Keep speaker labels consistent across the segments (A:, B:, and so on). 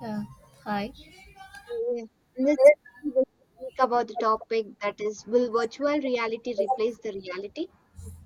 A: Yeah, hi.
B: Yeah. In this, we will speak about the topic that is, will virtual reality replace the reality?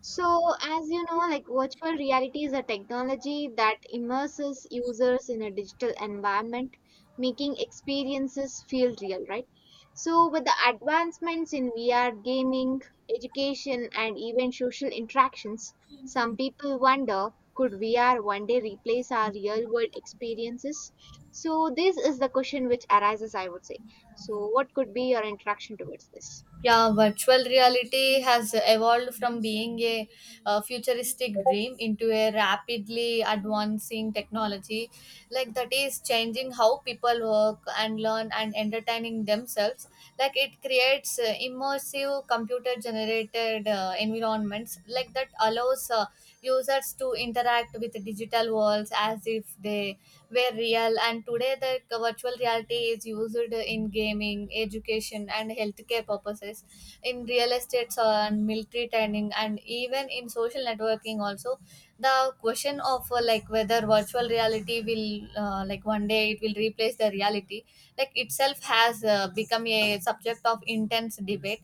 B: So, as you know, like virtual reality is a technology that immerses users in a digital environment, making experiences feel real, right? So, with the advancements in VR gaming, education, and even social interactions, some people wonder could VR one day replace our real world experiences? So, this is the question which arises, I would say. So, what could be your interaction towards this?
A: Yeah, virtual reality has evolved from being a futuristic dream into a rapidly advancing technology. Like, that is changing how people work and learn and entertaining themselves. Like, it creates immersive computer generated environments, like, that allows users to interact with digital worlds as if they were real. And today the virtual reality is used in gaming, education, and healthcare purposes in real estate, and military training, and even in social networking also. The question of like whether virtual reality will like one day it will replace the reality like itself has become a subject of intense debate.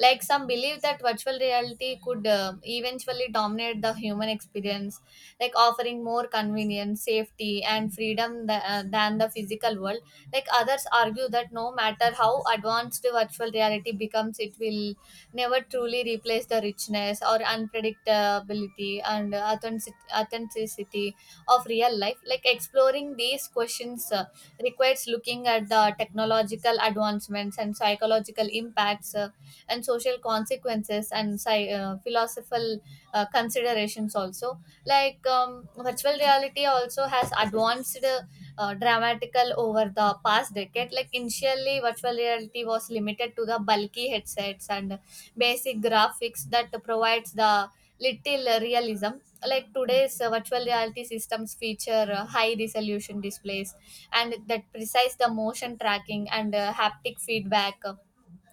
A: Like some believe that virtual reality could eventually dominate the human experience, like offering more convenience, safety, and freedom than the physical world. Like others argue that no matter how advanced virtual reality becomes, it will never truly replace the richness or unpredictability and authenticity of real life. Like exploring these questions requires looking at the technological advancements and psychological impacts and social consequences and philosophical considerations also. Like virtual reality also has advanced dramatical over the past decade. Like initially virtual reality was limited to the bulky headsets and basic graphics that provides the little realism. Like today's virtual reality systems feature high resolution displays and that precise the motion tracking and haptic feedback,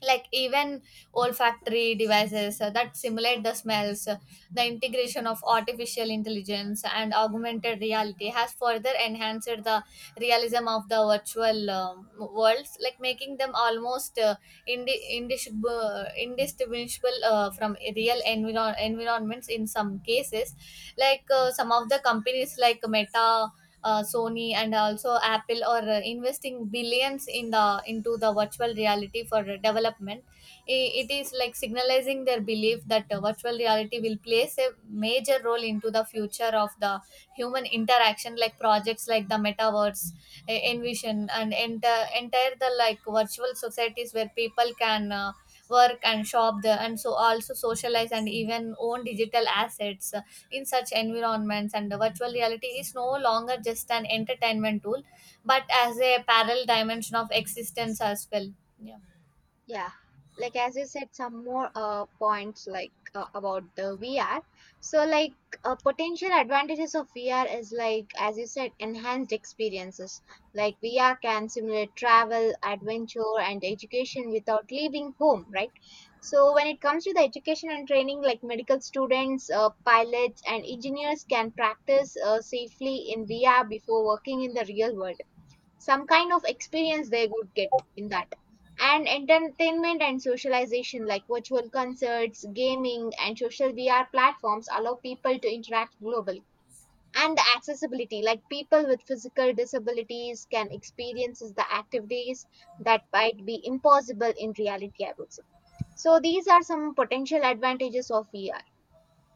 A: like even olfactory devices that simulate the smells. The integration of artificial intelligence and augmented reality has further enhanced the realism of the virtual worlds, like making them almost indistinguishable from real environments in some cases. Like some of the companies like Meta, Sony, and also Apple are investing billions in the into the virtual reality for development. It is like signalizing their belief that virtual reality will plays a major role into the future of the human interaction, like projects like the metaverse, envision, and enter entire the like virtual societies where people can work and shop there, and so also socialize and even own digital assets in such environments. And virtual reality is no longer just an entertainment tool, but as a parallel dimension of existence as well. Yeah.
B: Yeah, like as you said, some more points like about the VR. So, like potential advantages of VR is like as you said, enhanced experiences. Like VR can simulate travel, adventure, and education without leaving home, right? So, when it comes to the education and training, like medical students, pilots, and engineers can practice safely in VR before working in the real world, some kind of experience they would get in that. And entertainment and socialization, like virtual concerts, gaming, and social VR platforms allow people to interact globally. And the accessibility, like people with physical disabilities can experience the activities that might be impossible in reality, I would say. So these are some potential advantages of VR.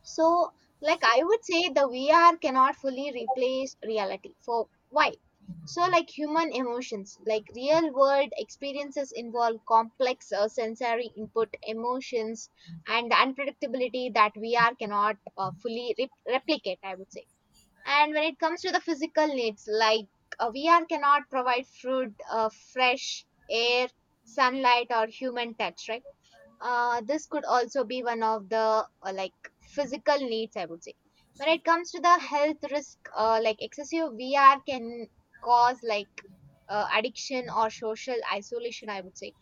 B: So, like I would say, the VR cannot fully replace reality. For why? So, like human emotions, like real world experiences involve complex sensory input, emotions, and the unpredictability that VR cannot fully replicate, I would say. And when it comes to the physical needs, like VR cannot provide food, fresh air, sunlight, or human touch, right? This could also be one of the like physical needs, I would say. When it comes to the health risk, like excessive VR can cause, like, addiction or social isolation, I would say.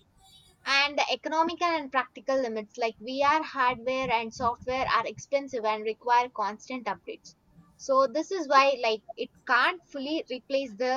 B: And the economical and practical limits, like VR hardware and software are expensive and require constant updates. So this is why, like, it can't fully replace the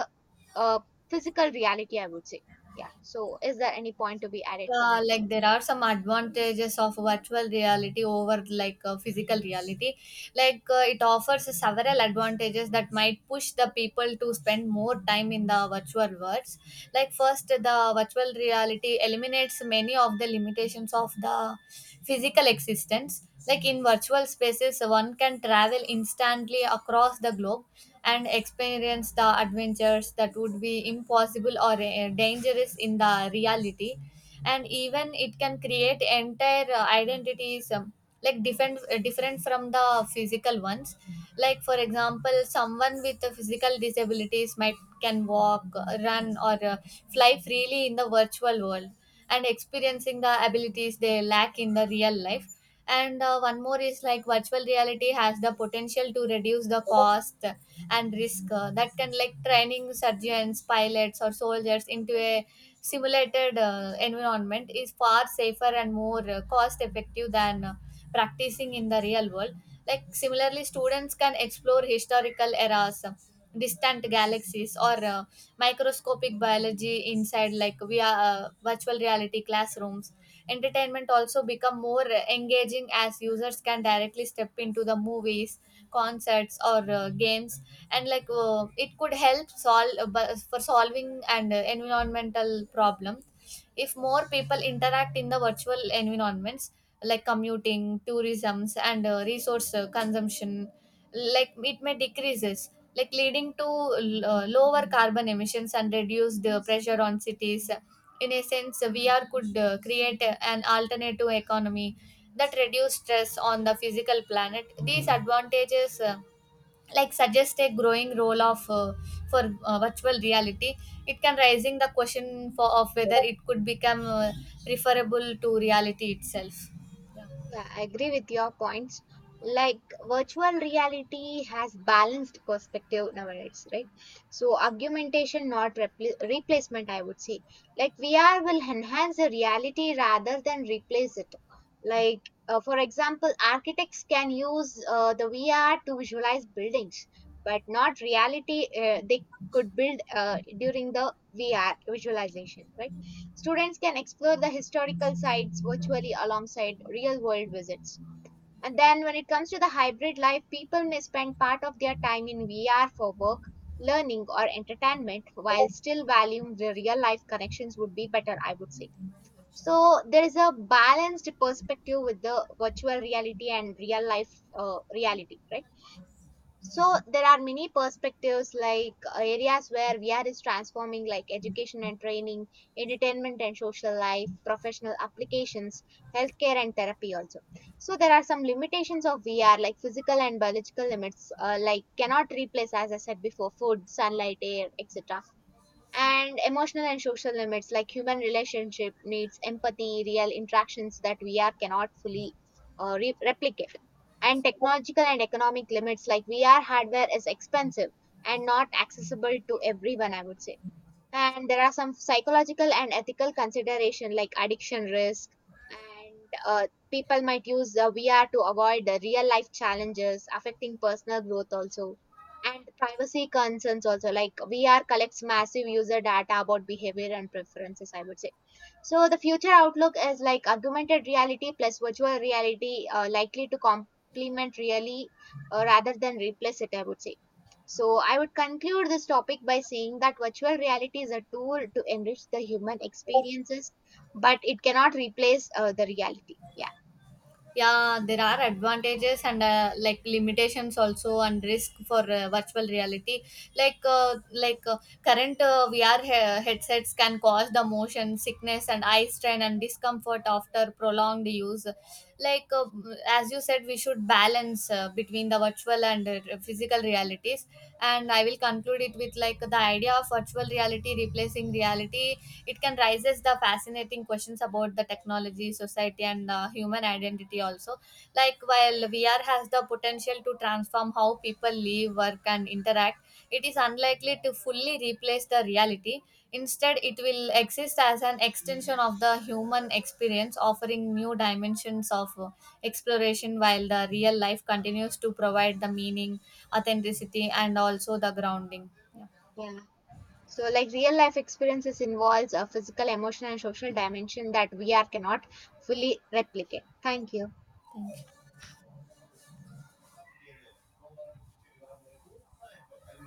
B: uh, physical reality, I would say. Yeah, so is there any point to be added from
A: Yeah,
B: you?
A: like there are some advantages of virtual reality over like physical reality. Like it offers several advantages that might push the people to spend more time in the virtual worlds. Like first the virtual reality eliminates many of the limitations of the physical existence. Like in virtual spaces one can travel instantly across the globe and experience the adventures that would be impossible or dangerous in the reality. And even it can create entire identities like different from the physical ones. Like for example someone with the physical disabilities might can walk, run, or fly freely in the virtual world and experiencing the abilities they lack in the real life. And one more is like virtual reality has the potential to reduce the cost and risk that can like training surgeons, pilots, or soldiers into a simulated environment is far safer and more cost effective than practicing in the real world. Like similarly students can explore historical eras, distant galaxies, or microscopic biology inside like via virtual reality classrooms. Entertainment also become more engaging as users can directly step into the movies, concerts, or games. And like it could help solve for solving and environmental problems if more people interact in the virtual environments, like commuting, tourisms, and resource consumption. Like it may decreases, like leading to lower carbon emissions and reduced pressure on cities. In a sense VR could create an alternative economy that reduce stress on the physical planet. These advantages like suggest a growing role of for virtual reality. It can raising the question for of whether it could become preferable to reality itself. Yeah.
B: Yeah, I agree with your points. Like, virtual reality has balanced perspective nowadays, right? So augmentation, not replacement, I would say. Like VR will enhance the reality rather than replace it. Like for example, architects can use the VR to visualize buildings, but not reality. They could build during the VR visualization, right? Students can explore the historical sites virtually alongside real world visits. And then, when it comes to the hybrid life, people may spend part of their time in VR for work, learning, or entertainment, while still valuing the real life connections would be better, I would say. So, there is a balanced perspective with the virtual reality and real life reality, right? So there are many perspectives, like areas where VR is transforming, like education and training, entertainment and social life, professional applications, healthcare and therapy also. So there are some limitations of VR, like physical and biological limits, like cannot replace, as I said before, food, sunlight, air, etc. And emotional and social limits, like human relationship needs empathy, real interactions that VR cannot fully replicate. And technological and economic limits, like VR hardware is expensive and not accessible to everyone, I would say. And there are some psychological and ethical consideration, like addiction risk, and people might use the VR to avoid the real life challenges, affecting personal growth also. And privacy concerns also, like VR collects massive user data about behavior and preferences, I would say. So the future outlook is like augmented reality plus virtual reality likely to complement really, rather than replace it, I would say. So, I would conclude this topic by saying that virtual reality is a tool to enrich the human experiences, but it cannot replace the reality. Yeah.
A: Yeah, there are advantages and like limitations also and risk for virtual reality. Like current VR headsets can cause the motion sickness and eye strain and discomfort after prolonged use. Like as you said we should balance between the virtual and physical realities. And I will conclude it with like the idea of virtual reality replacing reality. It can raises the fascinating questions about the technology, society, and human identity also. Like while VR has the potential to transform how people live, work, and interact, it is unlikely to fully replace the reality. Instead, it will exist as an extension of the human experience, offering new dimensions of exploration while the real life continues to provide the meaning, authenticity, and also the grounding.
B: Yeah. So, like real life experiences involves a physical, emotional, and social dimension that VR cannot fully replicate. Thank you.